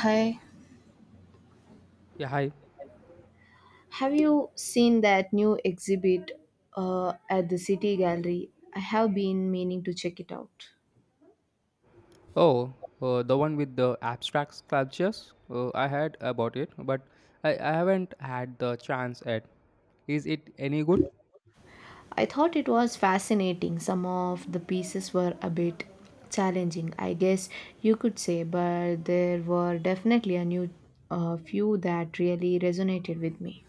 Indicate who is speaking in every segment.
Speaker 1: Hi,
Speaker 2: Yeah, hi.
Speaker 1: have you seen that new exhibit at the City Gallery? I have been meaning to check it out.
Speaker 2: Oh, the one with the abstract sculptures. I heard about it, but I haven't had the chance yet. Is it any good?
Speaker 1: I thought it was fascinating. Some of the pieces were a bit challenging, I guess you could say, but there were definitely a new few that really resonated with me.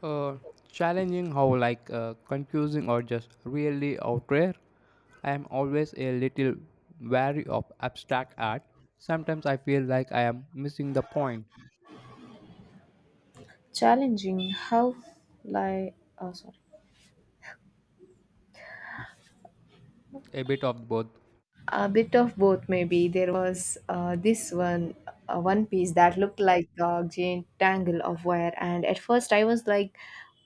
Speaker 2: Uh, challenging how like confusing or just really out there? I am always a little wary of abstract art. Sometimes I feel like I am missing the point.
Speaker 1: Challenging? How? Like, oh, sorry.
Speaker 2: A bit of both.
Speaker 1: A bit of both, maybe. There was this one one piece that looked like a giant tangle of wire, and at first I was like,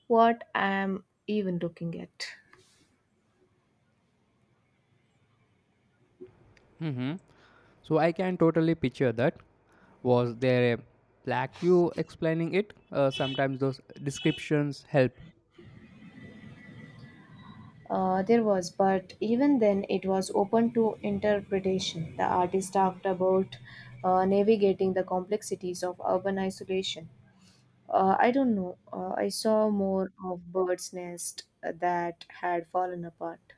Speaker 1: "What am even looking at?"
Speaker 2: Mm-hmm. So I can totally picture that. Was there a black plaque explaining it? Sometimes those descriptions help.
Speaker 1: There was, but even then, it was open to interpretation. The artist talked about navigating the complexities of urban isolation. I don't know. I saw more of bird's nest that had fallen apart.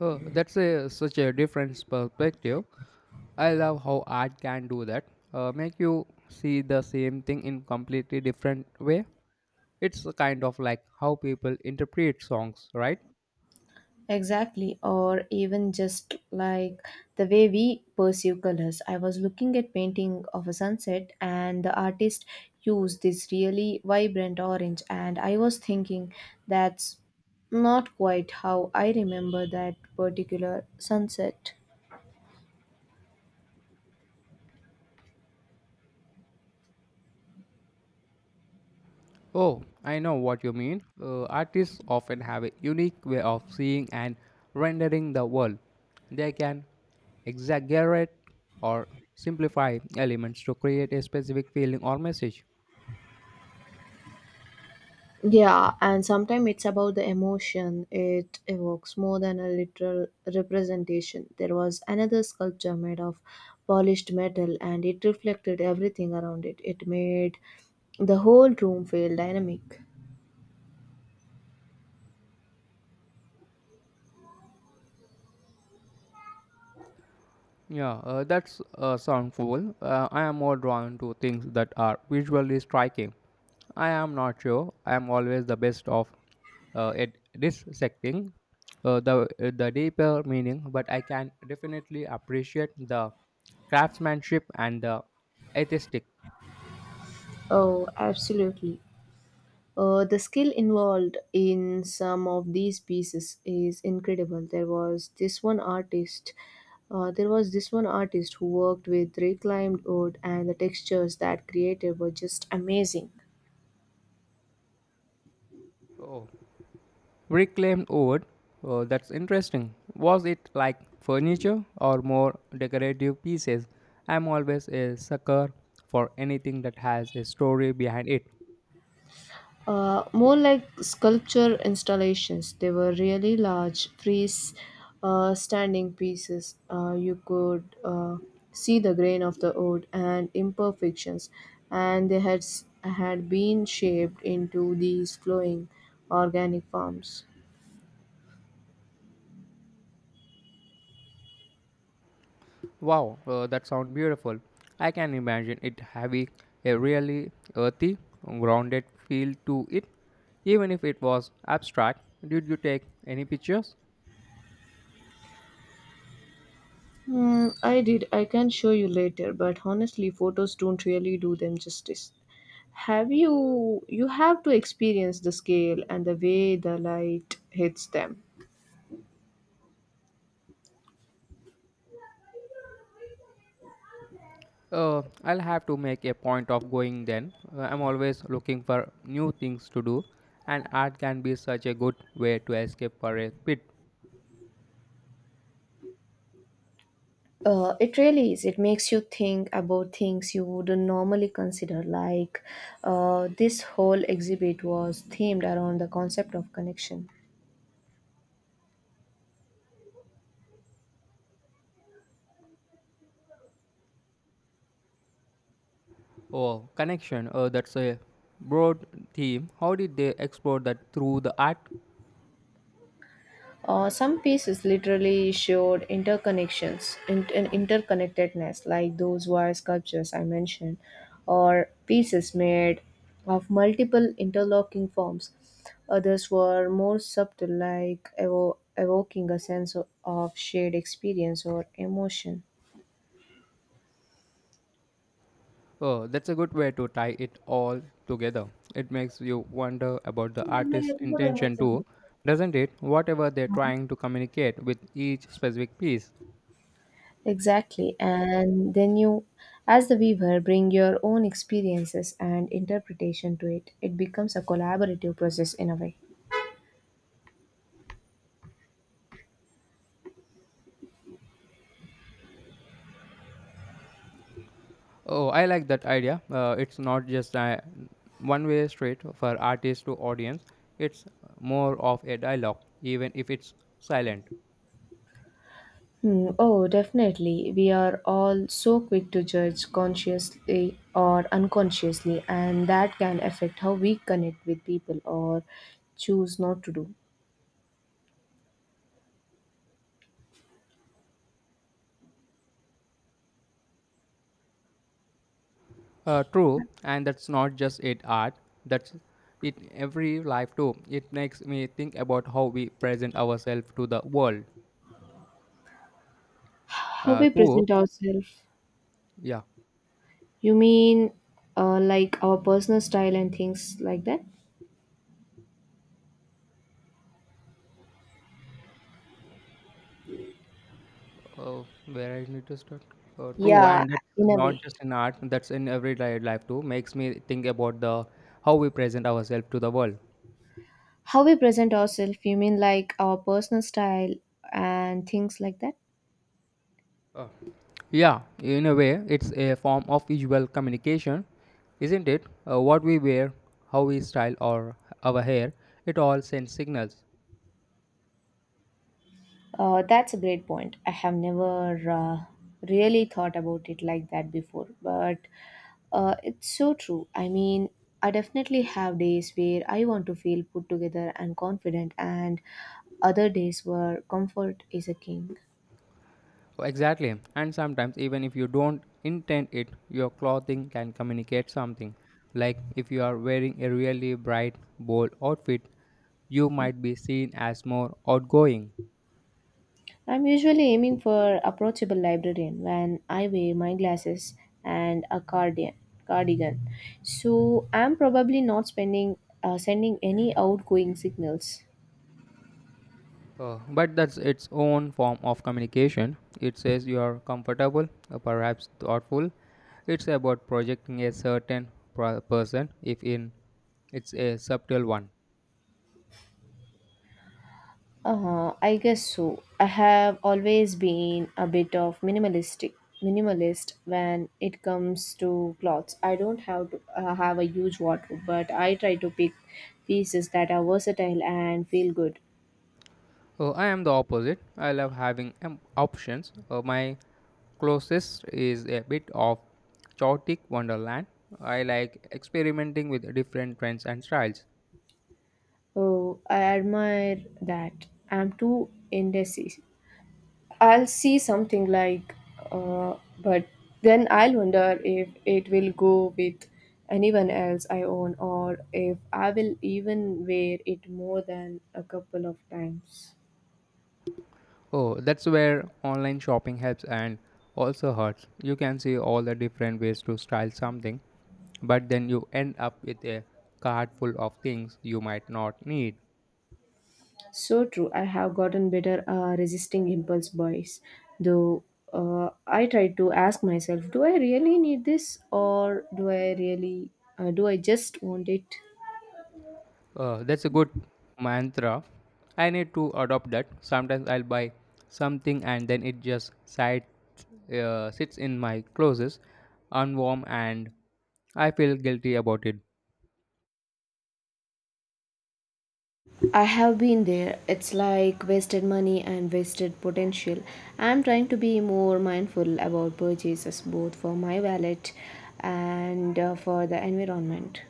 Speaker 2: Oh, that's such a different perspective. I love how art can do that. Make you see the same thing in completely different way. It's kind of like how people interpret songs, right?
Speaker 1: Exactly, or even just like the way we perceive colors. I was looking at painting of a sunset, and the artist used this really vibrant orange, and I was thinking that's not quite how I remember that particular sunset.
Speaker 2: Oh, I know what you mean. Artists often have a unique way of seeing and rendering the world. They can exaggerate or simplify elements to create a specific feeling or message.
Speaker 1: Yeah, and sometimes it's about the emotion it evokes more than a literal representation. There was another sculpture made of polished metal and it reflected everything around it. It made the whole room feel dynamic.
Speaker 2: Yeah, that's sound cool. I am more drawn to things that are visually striking. I am not sure. I am always the best of at dissecting the the deeper meaning, but I can definitely appreciate the craftsmanship and the aesthetic.
Speaker 1: Oh, absolutely. The skill involved in some of these pieces is incredible. There was this one artist who worked with reclaimed wood, and the textures that created were just amazing.
Speaker 2: Oh. Reclaimed wood. Oh, that's interesting. Was it like furniture or more decorative pieces? I'm always a sucker for anything that has a story behind it.
Speaker 1: Uh, more like sculpture installations. They were really large, free standing pieces. You could see the grain of the wood and imperfections, and they had been shaped into these flowing organic forms.
Speaker 2: Wow, that sounds beautiful. I can imagine it having a really earthy, grounded feel to it. Even if it was abstract, did you take any pictures?
Speaker 1: Hmm, I did. I can show you later, but honestly, photos don't really do them justice. Have you you have to experience the scale and the way the light hits them.
Speaker 2: I'll have to make a point of going then. I'm always looking for new things to do, and art can be such a good way to escape for a bit.
Speaker 1: It really is. It makes you think about things you wouldn't normally consider. Like, this whole exhibit was themed around the concept of connection.
Speaker 2: Oh, connection. That's a broad theme. How did they explore that through the art?
Speaker 1: Some pieces literally showed interconnectedness, like those wire sculptures I mentioned, or pieces made of multiple interlocking forms. Others were more subtle, like evoking a sense of shared experience or emotion.
Speaker 2: Oh, that's a good way to tie it all together. It makes you wonder about the artist's intention too, doesn't it? Whatever they're trying to communicate with each specific piece.
Speaker 1: Exactly. And then you, as the weaver, bring your own experiences and interpretation to it. It becomes a collaborative process in a way.
Speaker 2: Oh, I like that idea. It's not just a one way street for artist to audience, it's more of a dialogue, even if it's silent.
Speaker 1: Hmm. Oh, definitely. We are all so quick to judge consciously or unconsciously, and that can affect how we connect with people or choose not to do.
Speaker 2: True, and that's not just it art, that's it every life too. It makes me think about how we present ourselves to the world.
Speaker 1: How
Speaker 2: Uh,
Speaker 1: we
Speaker 2: true,
Speaker 1: present ourselves.
Speaker 2: yeah.
Speaker 1: You mean like our personal style and things like that?
Speaker 2: Where I need to start? True,
Speaker 1: Yeah,
Speaker 2: and that's
Speaker 1: in a
Speaker 2: not
Speaker 1: way.
Speaker 2: just in art, that's in everyday life too. Makes me think about the how we present ourselves to the world.
Speaker 1: How we present ourselves, you mean like our personal style and things like that?
Speaker 2: Yeah, in a way, it's a form of visual communication, isn't it? What we wear, how we style or our hair, it all sends signals.
Speaker 1: That's a great point. I have never really thought about it like that before, but it's so true. I mean, I definitely have days where I want to feel put together and confident, and other days where comfort is a king.
Speaker 2: Exactly. And sometimes, even if you don't intend it, your clothing can communicate something. Like if you are wearing a really bright, bold outfit, you might be seen as more outgoing.
Speaker 1: I'm usually aiming for approachable librarian when I wear my glasses and a cardigan. Cardigan, so I'm probably not spending sending any outgoing signals.
Speaker 2: But that's its own form of communication. It says you are comfortable, perhaps thoughtful. It's about projecting a certain person, if in it's a subtle one.
Speaker 1: I guess so. I have always been a bit of minimalist when it comes to clothes. I don't have to have a huge wardrobe, but I try to pick pieces that are versatile and feel good.
Speaker 2: I am the opposite. I love having options. My closest is a bit of chaotic wonderland. I like experimenting with different trends and styles.
Speaker 1: Oh, I admire that. I'm too indecisive. I'll see something like, but then I'll wonder if it will go with anyone else I own or if I will even wear it more than a couple of times.
Speaker 2: Oh, that's where online shopping helps and also hurts. You can see all the different ways to style something but then you end up with a cart full of things you might not need.
Speaker 1: So true. I have gotten better resisting impulse buys, though. I try to ask myself, do I really need this, or do I just want it?
Speaker 2: That's a good mantra. I need to adopt that. Sometimes I'll buy something and then it just sits, sits in my closets, unwarm, and I feel guilty about it.
Speaker 1: I have been there. It's like wasted money and wasted potential. I'm trying to be more mindful about purchases both for my wallet and for the environment.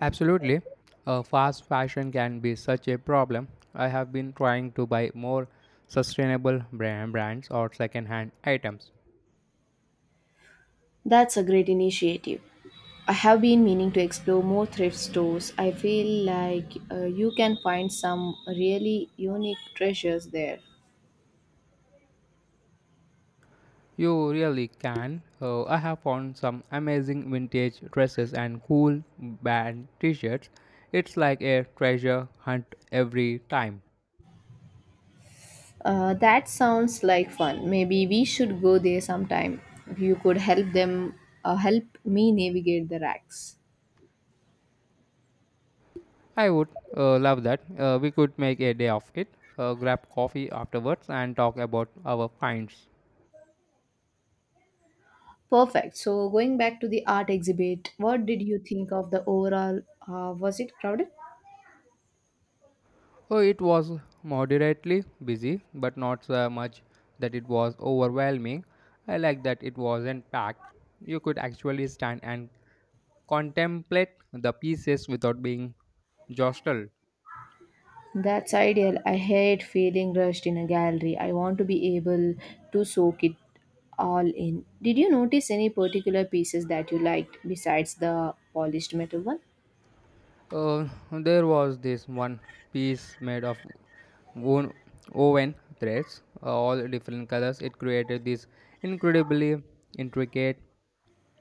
Speaker 2: Absolutely, fast fashion can be such a problem. I have been trying to buy more sustainable brands or second-hand items.
Speaker 1: That's a great initiative. I have been meaning to explore more thrift stores. I feel like you can find some really unique treasures there.
Speaker 2: You really can. I have found some amazing vintage dresses and cool band t shirts. It's like a treasure hunt every time.
Speaker 1: That sounds like fun. Maybe we should go there sometime. You could help them help me navigate the racks.
Speaker 2: I would love that. We could make a day of it, grab coffee afterwards, and talk about our finds.
Speaker 1: Perfect. So, going back to the art exhibit, what did you think of the overall? Was it crowded?
Speaker 2: Oh, it was moderately busy, but not so much that it was overwhelming. I like that it wasn't packed. You could actually stand and contemplate the pieces without being jostled.
Speaker 1: That's ideal. I hate feeling rushed in a gallery. I want to be able to soak it all in. Did you notice any particular pieces that you liked besides the polished metal one?
Speaker 2: There was this one piece made of woven woven threads, all different colors. It created this incredibly intricate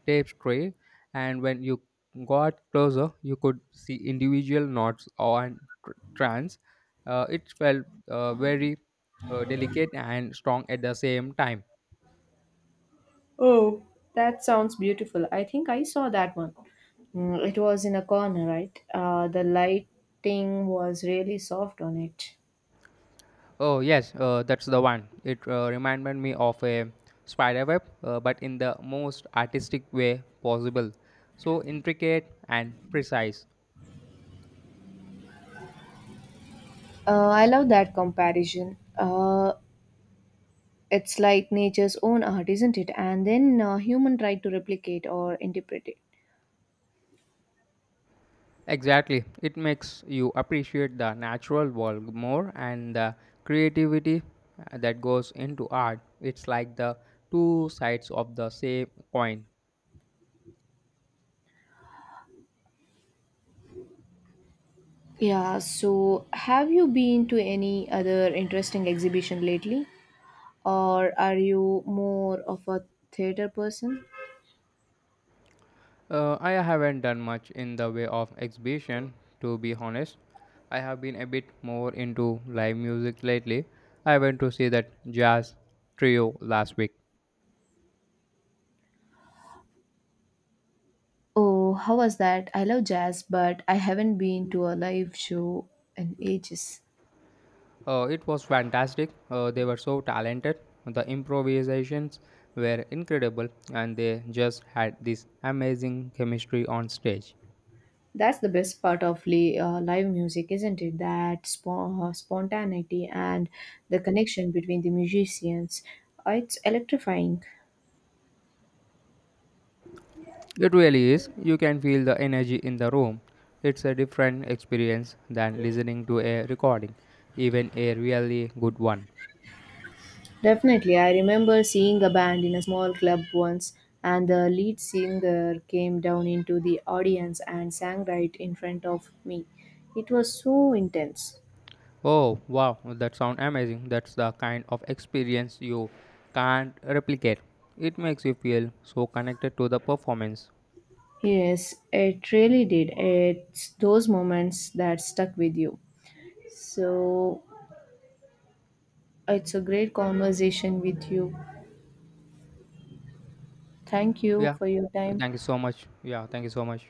Speaker 2: tapestry, and when you got closer, you could see individual knots on strands. It felt very delicate and strong at the same time.
Speaker 1: Oh, that sounds beautiful. I think I saw that one. Mm, it was in a corner, right? The lighting was really soft on it.
Speaker 2: Oh yes, that's the one. It reminded me of a spider web, but in the most artistic way possible. So intricate and precise.
Speaker 1: I love that comparison. It's like nature's own art, isn't it? And then human try to replicate or interpret it.
Speaker 2: Exactly. It makes you appreciate the natural world more and the creativity that goes into art. It's like the two sides of the same coin.
Speaker 1: Yeah, so have you been to any other interesting exhibition lately? Or are you more of a theater person?
Speaker 2: I haven't done much in the way of exhibition, to be honest. I have been a bit more into live music lately. I went to see that jazz trio last week.
Speaker 1: Oh, how was that? I love jazz, but I haven't been to a live show in ages.
Speaker 2: It was fantastic. They were so talented. The improvisations were incredible, and they just had this amazing chemistry on stage.
Speaker 1: That's the best part of live music, isn't it? That spontaneity and the connection between the musicians. It's electrifying.
Speaker 2: It really is. You can feel the energy in the room. It's a different experience than listening to a recording, even a really good one.
Speaker 1: Definitely, I remember seeing a band in a small club once, and the lead singer came down into the audience and sang right in front of me. It was so intense.
Speaker 2: Oh, wow, that sounds amazing. That's the kind of experience you can't replicate. It makes you feel so connected to the performance.
Speaker 1: Yes, it really did. It's those moments that stuck with you. So, it's a great conversation with you. Thank you
Speaker 2: Yeah,
Speaker 1: for your time.
Speaker 2: thank you so much. Yeah, thank you so much.